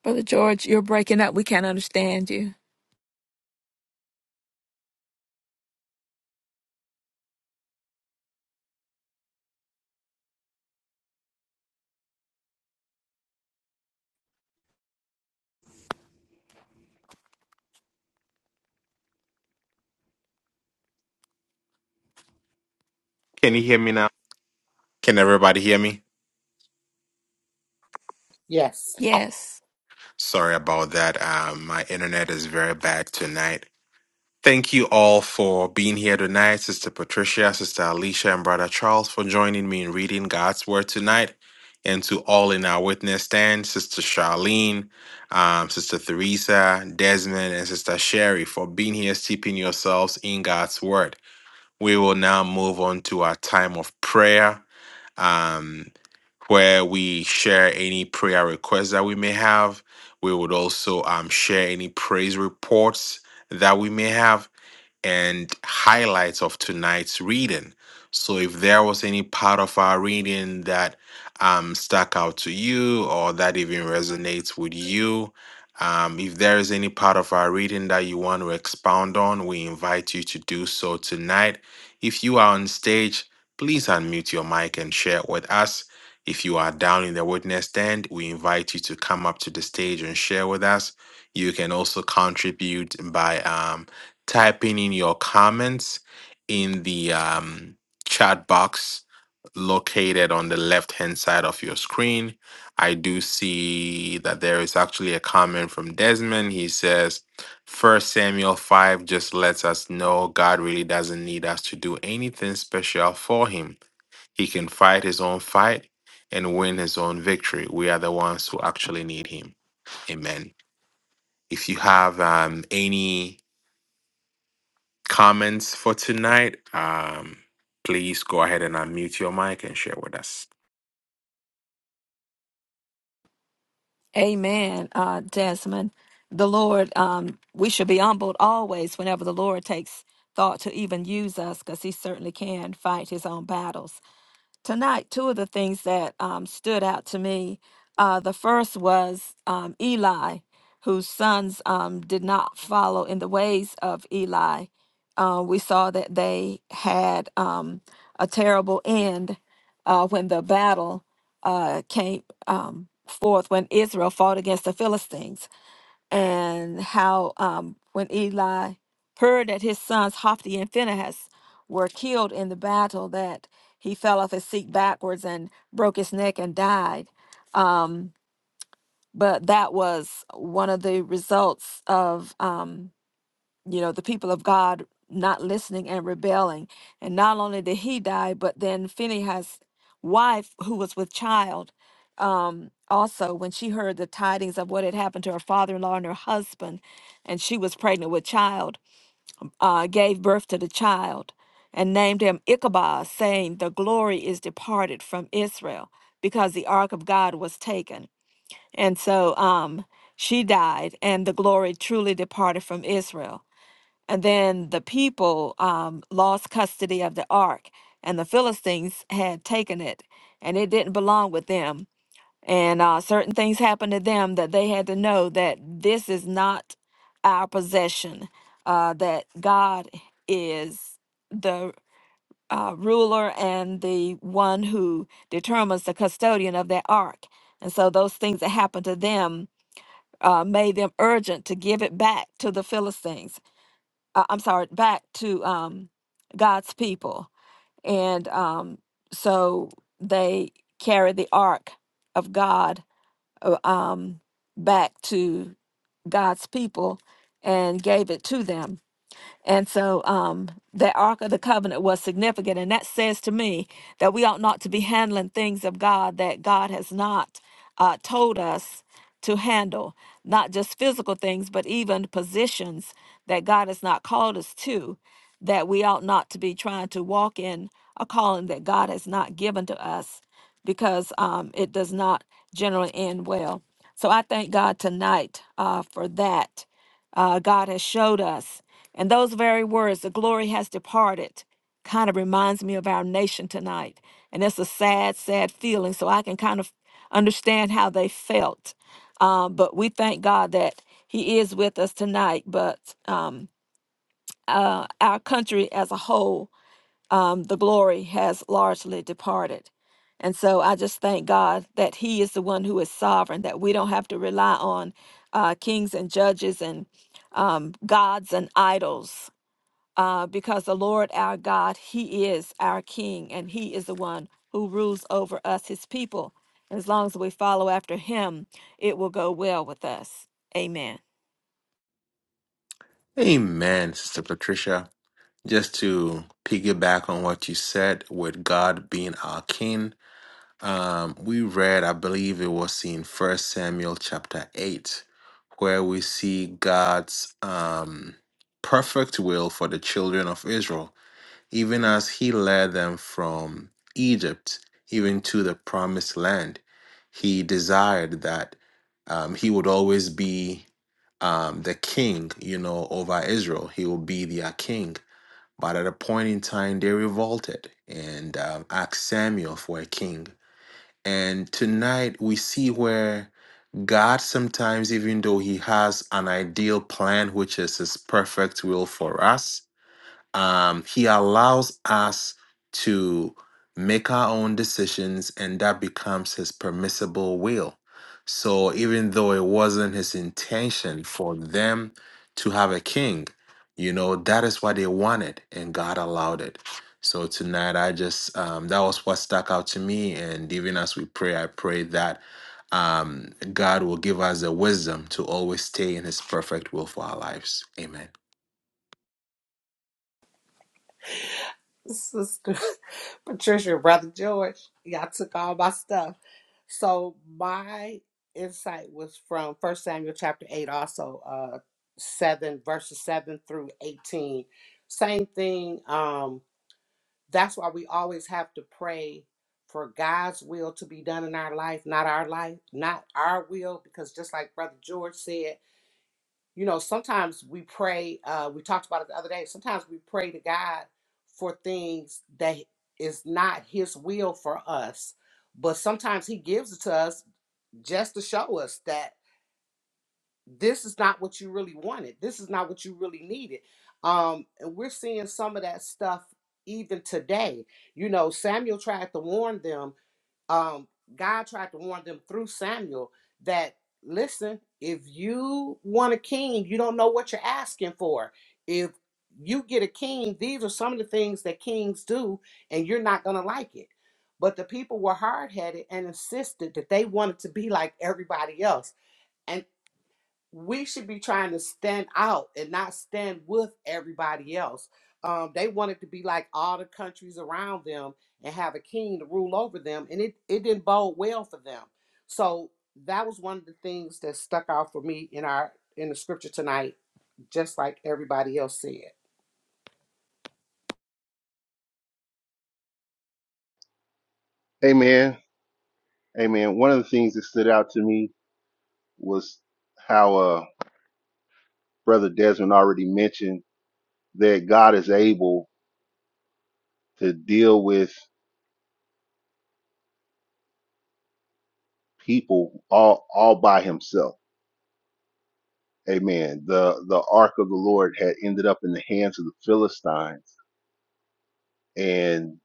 Brother George, you're breaking up. We can't understand you.
Can you hear me now? Can everybody hear me?
Yes.
Oh,
Yes.
sorry about that. Um, my internet is very bad tonight. Thank you all for being here tonight, Sister Patricia, Sister Alicia, and Brother Charles for joining me in reading God's Word tonight. And to all in our witness stand, Sister Charlene, um, Sister Theresa, Desmond, and Sister Sherry for being here, steeping yourselves in God's Word. We will now move on to our time of prayer, um, where we share any prayer requests that we may have. We would also um, share any praise reports that we may have and highlights of tonight's reading. So if there was any part of our reading that um, stuck out to you or that even resonates with you, um, if there is any part of our reading that you want to expound on, we invite you to do so tonight. If you are on stage, please unmute your mic and share with us. If you are down in the witness stand, we invite you to come up to the stage and share with us. You can also contribute by um, typing in your comments in the um, chat box located on the left hand side of your screen. I do see that there is actually a comment from Desmond. He says, First Samuel 5 just lets us know God really doesn't need us to do anything special for him. He can fight his own fight and win his own victory. We are the ones who actually need him. Amen. If you have um, any comments for tonight, um, please go ahead and unmute your mic and share with us.
Amen, uh, Desmond. The Lord, um, we should be humbled always whenever the Lord takes thought to even use us because he certainly can fight his own battles. Tonight, two of the things that um, stood out to me uh, the first was um, Eli, whose sons um, did not follow in the ways of Eli. Uh, we saw that they had um, a terrible end uh, when the battle uh, came um, forth, when Israel fought against the Philistines and how um, when Eli heard that his sons Hophni and Phinehas were killed in the battle, that he fell off his seat backwards and broke his neck and died. Um, but that was one of the results of. um, you know, the people of God not listening and rebelling. And not only did he die, but then Phinehas' wife, who was with child, um, also, when she heard the tidings of what had happened to her father in law and her husband, and she was pregnant with child, uh, gave birth to the child and named him Ichabod, saying, The glory is departed from Israel because the ark of God was taken. And so um, she died, and the glory truly departed from Israel. And then the people um, lost custody of the ark, and the Philistines had taken it, and it didn't belong with them. And uh, certain things happened to them that they had to know that this is not our possession, uh, that God is the uh, ruler and the one who determines the custodian of that ark. And so those things that happened to them uh, made them urgent to give it back to the Philistines uh, I'm sorry, back to um, God's people. And um, so they carry the ark of God uh, um, back to God's people and gave it to them. And so um, the Ark of the Covenant was significant. And that says to me that we ought not to be handling things of God that God has not uh, told us to handle, not just physical things, but even positions that God has not called us to, that we ought not to be trying to walk in a calling that God has not given to us because um, it does not generally end well. So I thank God tonight uh, for that. Uh, God has showed us and those very words, the glory has departed, kind of reminds me of our nation tonight. And that's a sad, sad feeling. So I can kind of understand how they felt. Um, but we thank God that He is with us tonight. But um, uh, our country as a whole, um, the glory has largely departed. And so I just thank God that He is the one who is sovereign, that we don't have to rely on uh, kings and judges and um, gods and idols uh, because the Lord our God, He is our King, and He is the one who rules over us, His people. And as long as we follow after Him, it will go well with us. Amen.
Amen, Sister Patricia. Just to piggyback on what you said, with God being our King, um, we read, I believe it was in First Samuel chapter eight, where we see God's um, perfect will for the children of Israel even as he led them from Egypt even to the promised land. He desired that um, he would always be um, the king, you know, over Israel. He will be their king. But at a point in time, they revolted and um, asked Samuel for a king. And tonight we see where God sometimes, even though He has an ideal plan, which is His perfect will for us, um, he allows us to make our own decisions and that becomes his permissible will so even though it wasn't his intention for them to have a king you know that is what they wanted and god allowed it so tonight i just um, that was what stuck out to me and even as we pray i pray that um, god will give us the wisdom to always stay in his perfect will for our lives amen
Sister Patricia, Brother George, y'all took all my stuff. So my insight was from First Samuel chapter 8, also uh 7 verses 7 through 18. Same thing. Um, that's why we always have to pray for God's will to be done in our life, not our life, not our will, because just like Brother George said. you know, sometimes we pray, uh, we talked about it the other day, sometimes we pray to God for things that is not his will for us. But sometimes he gives it to us just to show us that this is not what you really wanted. This is not what you really needed. Um, and we're seeing some of that stuff even today. You know, Samuel tried to warn them um, God tried to warn them through Samuel that listen, if you want a king, you don't know what you're asking for. If you get a king, these are some of the things that kings do, and you're not going to like it. But the people were hard headed and insisted that they wanted to be like everybody else we should be trying to stand out and not stand with everybody else. Um, they wanted to be like all the countries around them and have a king to rule over them, and it, it didn't bode well for them. So that was one of the things that stuck out for me in our in the scripture tonight, just like everybody else said.
Amen. Amen. One of the things that stood out to me was how uh, Brother Desmond already mentioned that God is able to deal with people all all by himself. Amen. The the ark of the Lord had ended up in the hands of the Philistines and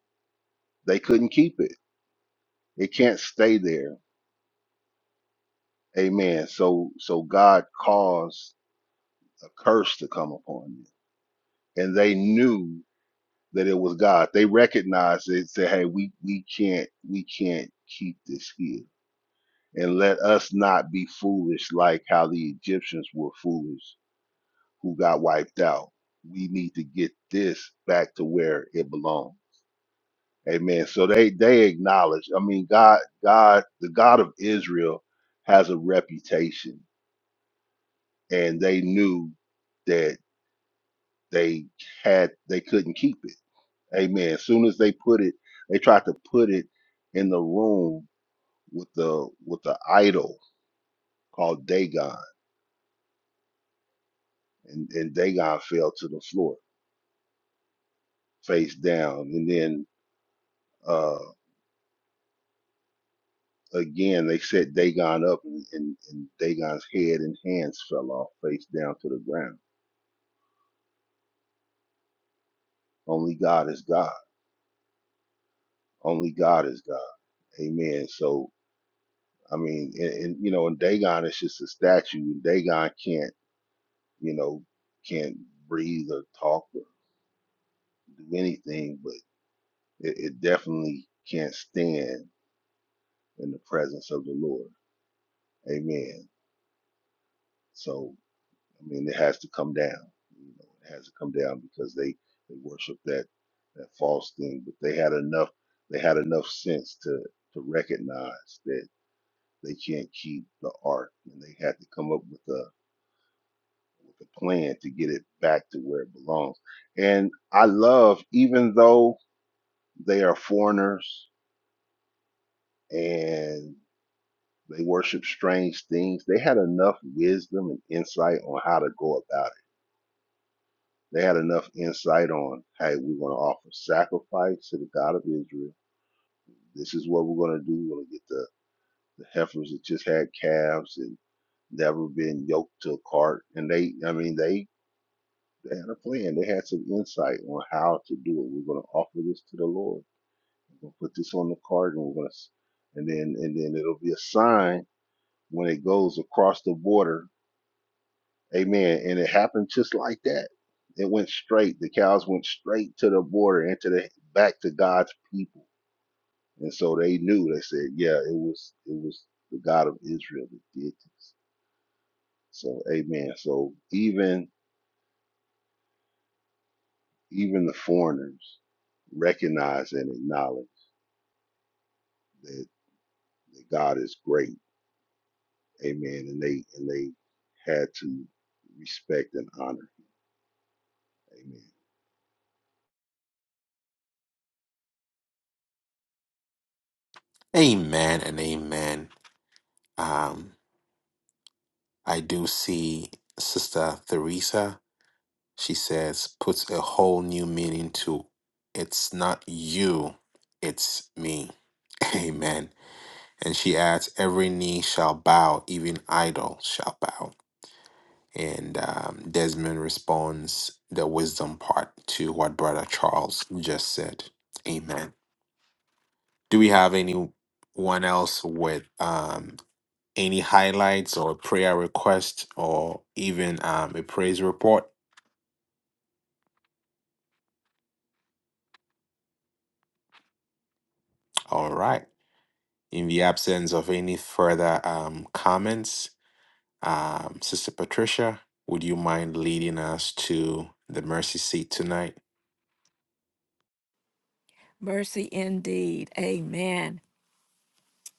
they couldn't keep it. It can't stay there. Amen. So so God caused a curse to come upon them. And they knew that it was God. They recognized it, said, "Hey, we we can't we can't keep this here, and let us not be foolish like how the Egyptians were foolish, who got wiped out. We need to get this back to where it belongs." Amen. So they they acknowledge. I mean, God God the God of Israel has a reputation, and they knew that they had they couldn't keep it Amen. As soon as they put it, they tried to put it in the room with the with the idol called Dagon, and, and Dagon fell to the floor face down. And then uh, again, they set Dagon up, and, and, and Dagon's head and hands fell off face down to the ground. Only God is God. Only God is God. Amen. So I mean, and, and you know, and Dagon is just a statue. Dagon can't, you know, can't breathe or talk do anything, but it, it definitely can't stand in the presence of the Lord. Amen. So, I mean, it has to come down. You know, it has to come down because they they worship that that false thing, but they had enough they had enough sense to to recognize that they can't keep the ark, and they had to come up with a, with a plan to get it back to where it belongs. And I love, even though they are foreigners and. They worshiped strange things. They had enough wisdom and insight on how to go about it. They had enough insight on, hey, we're going to offer sacrifice to the God of Israel. This is what we're going to do. We're going to get the, the heifers that just had calves and never been yoked to a cart. And they, I mean, they, they had a plan. They had some insight on how to do it. We're going to offer this to the Lord. We're going to put this on the cart and we're going to, and then, and then it'll be a sign when it goes across the border Amen. And it happened just like that. It went straight. The cows went straight to the border into the back to God's people. And so they knew. They said, "Yeah, it was it was the God of Israel that did this." So, Amen. So even even the foreigners recognize and acknowledge that, that God is great. Amen. And they and they had to respect and honor. Amen.
amen and amen Um, I do see Sister Theresa. She says, puts a whole new meaning to it's not you, it's me. Amen. And she adds, every knee shall bow, even idol shall bow. And um, Desmond responds the wisdom part to what Brother Charles just said. Amen. Do we have anyone else with? um? any highlights or prayer request or even um, a praise report. All right. In the absence of any further um, comments, um, Sister Patricia, would you mind leading us to the mercy seat tonight?
Mercy indeed. Amen.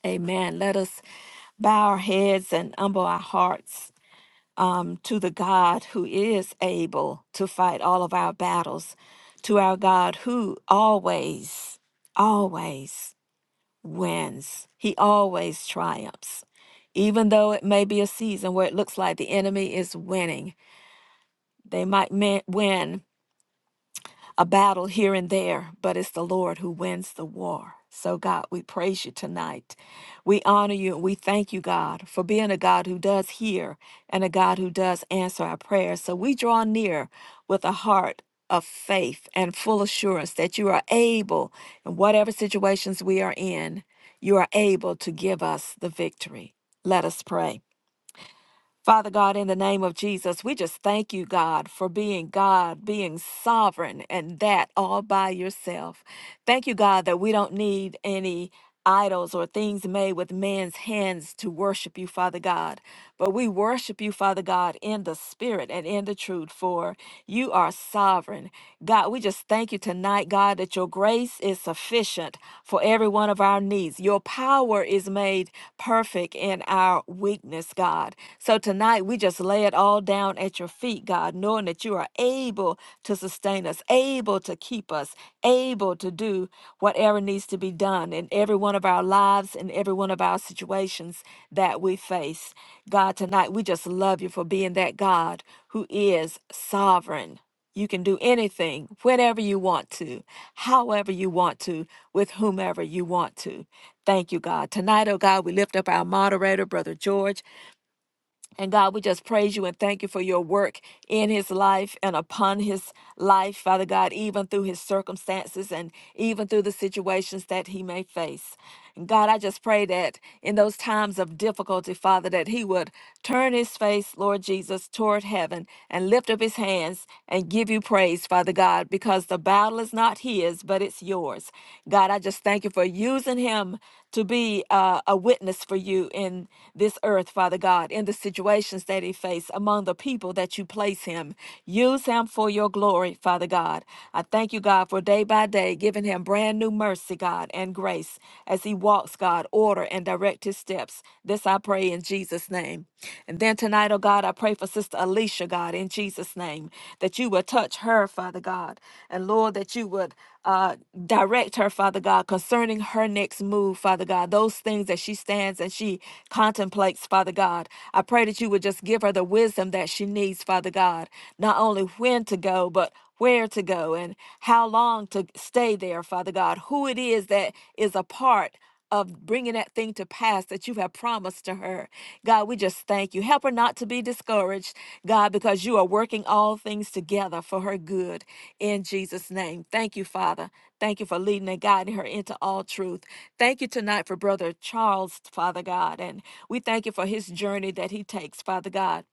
Amen. Let us bow our heads and humble our hearts um, to the God who is able to fight all of our battles, to our God who always, always wins. He always triumphs. Even though it may be a season where it looks like the enemy is winning, they might win a battle here and there, but it's the Lord who wins the war. So, God, we praise you tonight. We honor you and we thank you, God, for being a God who does hear and a God who does answer our prayers. So, we draw near with a heart of faith and full assurance that you are able, in whatever situations we are in, you are able to give us the victory. Let us pray. Father God, in the name of Jesus, we just thank you, God, for being God, being sovereign, and that all by yourself. Thank you, God, that we don't need any idols or things made with man's hands to worship you, Father God. But we worship you, Father God, in the spirit and in the truth, for you are sovereign. God, we just thank you tonight, God, that your grace is sufficient for every one of our needs. Your power is made perfect in our weakness, God. So tonight, we just lay it all down at your feet, God, knowing that you are able to sustain us, able to keep us, able to do whatever needs to be done in every one of our lives and every one of our situations that we face. God, tonight we just love you for being that God who is sovereign. You can do anything, whenever you want to, however you want to, with whomever you want to. Thank you, God. Tonight, oh God, we lift up our moderator, Brother George. And God, we just praise you and thank you for your work in his life and upon his life, Father God, even through his circumstances and even through the situations that he may face. And God, I just pray that in those times of difficulty, Father, that he would turn his face, Lord Jesus, toward heaven and lift up his hands and give you praise, Father God, because the battle is not his, but it's yours. God, I just thank you for using him to be uh, a witness for you in this earth, Father God, in the situations that he faced, among the people that you place him. Use him for your glory, Father God. I thank you, God, for day by day day, giving him brand new mercy, God, and grace as he walks, God, order and direct his steps. This I pray in Jesus' name. And then tonight, oh God, I pray for Sister Alicia, God, in Jesus' name, that you would touch her, Father God. And Lord, that you would uh, direct her, Father God, concerning her next move, Father God, those things that she stands and she contemplates, Father God. I pray that you would just give her the wisdom that she needs, Father God, not only when to go, but where to go and how long to stay there, Father God, who it is that is a part of bringing that thing to pass that you have promised to her. God, we just thank you. Help her not to be discouraged, God, because you are working all things together for her good in Jesus' name. Thank you, Father. Thank you for leading and guiding her into all truth. Thank you tonight for Brother Charles, Father God. And we thank you for his journey that he takes, Father God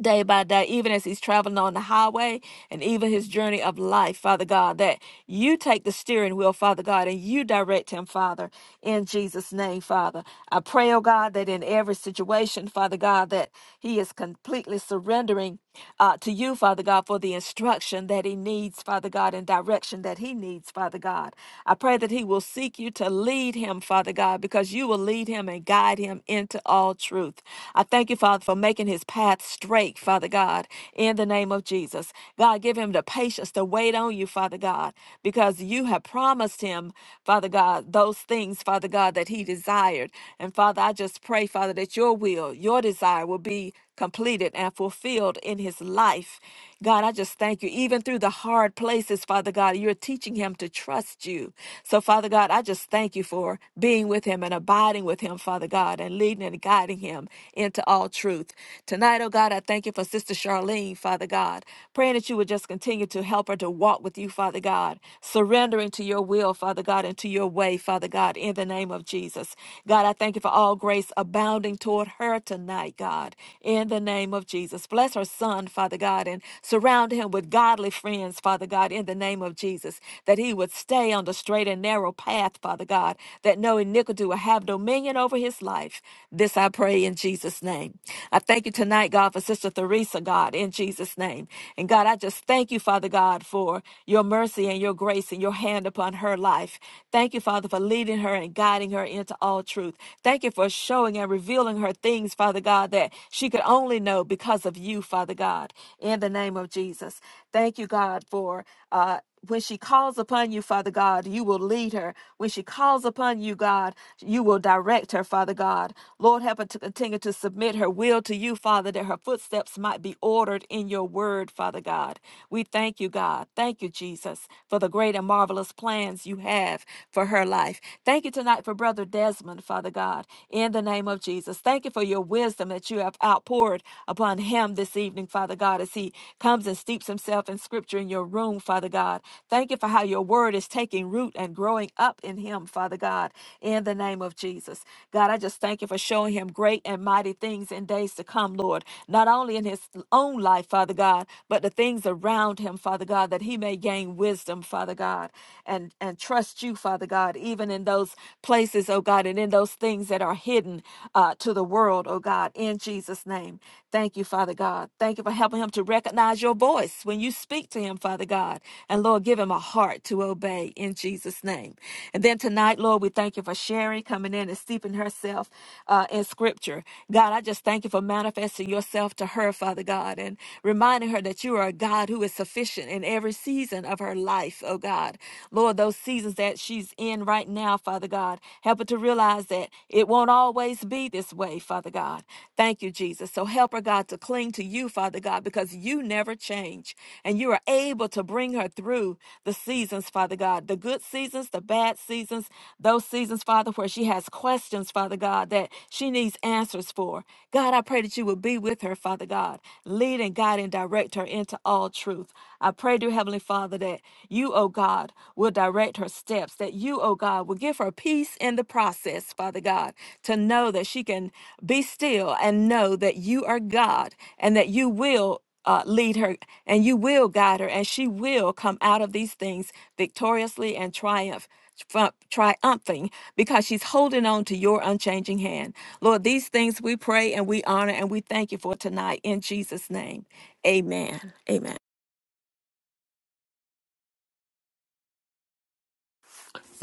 day by day, even as he's traveling on the highway and even his journey of life, Father God, that you take the steering wheel, Father God, and you direct him, Father, in Jesus' name, Father. I pray, oh God, that in every situation, Father God, that he is completely surrendering uh, to you, Father God, for the instruction that he needs, Father God, and direction that he needs, Father God. I pray that he will seek you to lead him, Father God, because you will lead him and guide him into all all truth. I thank you, Father, for making his path straight, Father God, in the name of Jesus. God, give him the patience to wait on you, Father God, because you have promised him, Father God, those things, Father God, that he desired. And Father, I just pray, Father, that your will, your desire will be completed and fulfilled in his life. God, I just thank you. Even through the hard places, Father God, you're teaching him to trust you. So, Father God, I just thank you for being with him and abiding with him, Father God, and leading and guiding him into all truth. Tonight, oh God, I thank you for Sister Charlene, Father God, praying that you would just continue to help her to walk with you, Father God, surrendering to your will, Father God, and to your way, Father God, in the name of Jesus. God, I thank you for all grace abounding toward her about her tonight, God, in the name of Jesus. Bless her son, Father God, and surround him with godly friends, Father God, in the name of Jesus, that he would stay on the straight and narrow path, Father God, that no iniquity will have dominion over his life. This I pray in Jesus' name. I thank you tonight, God, for Sister Theresa, God, in Jesus' name. And God, I just thank you, Father God, for your mercy and your grace and your hand upon her life. Thank you, Father, for leading her and guiding her into all truth. Thank you Thank you for showing and revealing her things, Father God, that she could only know because of you, Father God, in the name of Jesus. Thank you, God, for. Uh, when she calls upon you, Father God, you will lead her. When she calls upon you, God, you will direct her, Father God. Lord, help her to continue to submit her will to you, Father, that her footsteps might be ordered in your word, Father God. We thank you, God. Thank you, Jesus, for the great and marvelous plans you have for her life. Thank you tonight for Brother Desmond, Father God, in the name of Jesus. Thank you for your wisdom that you have outpoured upon him this evening, Father God, as he comes and steeps himself in scripture in your room, Father God. Thank you for how your word is taking root and growing up in him, Father God, in the name of Jesus. God, I just thank you for showing him great and mighty things in days to come, Lord, not only in his own life, Father God, but the things around him, Father God, that he may gain wisdom, Father God, and, and trust you, Father. Father God, even in those places, oh God, and in those things that are hidden uh, to the world, oh God, in Jesus' name. Thank you, Father God. Thank you for helping him to recognize your voice when you speak to him, Father God. And Lord, give him a heart to obey in Jesus' name. And then tonight, Lord, we thank you for Sherry coming in and steeping herself uh, in scripture. God, I just thank you for manifesting yourself to her, Father God, and reminding her that you are a God who is sufficient in every season of her life, oh God. God. Lord, those seasons that she's in right now, Father God, help her to realize that it won't always be this way, Father God. Thank you, Jesus. So help her, God, to cling to you, Father God, because you never change and you are able to bring her through the seasons, Father God, the good seasons, the bad seasons, those seasons, Father, where she has questions, Father God, that she needs answers for. God, I pray that you will be with her, Father God. Lead and guide and direct her into all truth. I pray, dear Heavenly Father. Father, that you, oh God, will direct her steps, that you, oh God, will give her peace in the process, Father God, to know that she can be still and know that you are God and that you will uh, lead her and you will guide her and she will come out of these things victoriously and triumph triumph- triumphing because she's holding on to your unchanging hand lord these things we pray and we honor and we thank you for tonight in jesus name amen amen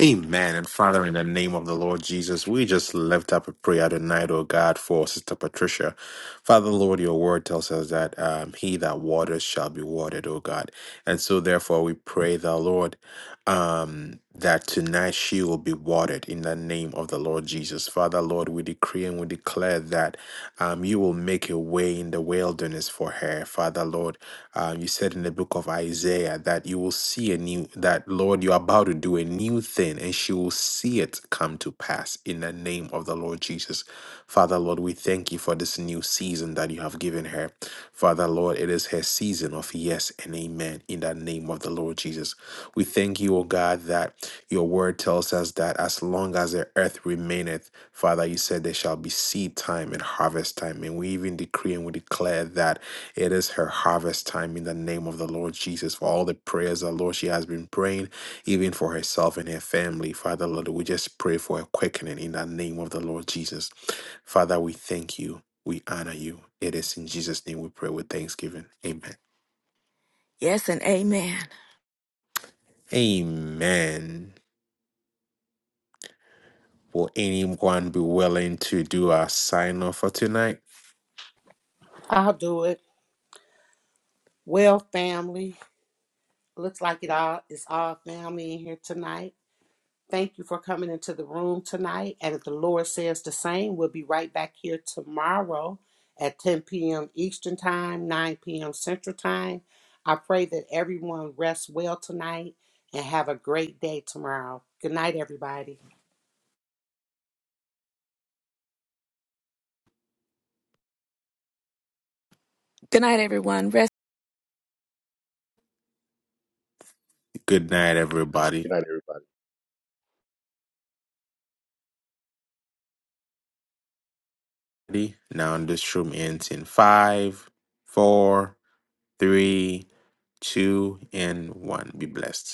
Amen. And Father, in the name of the Lord Jesus, we just lift up a prayer tonight, oh God, for Sister Patricia. Father, Lord, your word tells us that um, he that waters shall be watered, oh God. And so, therefore, we pray, the Lord, um, that tonight she will be watered in the name of the Lord Jesus. Father, Lord, we decree and we declare that um, you will make a way in the wilderness for her. Father, Lord, uh, you said in the book of Isaiah that you will see a new, that Lord, you're about to do a new thing and she will see it come to pass in the name of the Lord Jesus. Father, Lord, we thank you for this new season that you have given her. Father, Lord, it is her season of yes and amen in the name of the Lord Jesus. We thank you, O God, that your word tells us that as long as the earth remaineth, Father, you said there shall be seed time and harvest time. And we even decree and we declare that. It is her harvest time in the name of the Lord Jesus for all the prayers the Lord she has been praying, even for herself and her family. Father, Lord, we just pray for a quickening in the name of the Lord Jesus. Father, we thank you. We honor you. It is in Jesus' name we pray with thanksgiving. Amen.
yes and amen
Amen. Will anyone be willing to do our sign off for tonight?
I'll do it. Well, family, looks like it all it's all family in here tonight. Thank you for coming into the room tonight. And if the Lord says the same, we'll be right back here tomorrow at 10 p.m. Eastern Time, 9 p.m. Central Time. I pray that everyone rests well tonight and have a great day tomorrow. Good night, everybody.
Good night, everyone. Rest.
Good night, everybody.
Good night, everybody.
Now, this room ends in five, four, three, two, and one. Be blessed.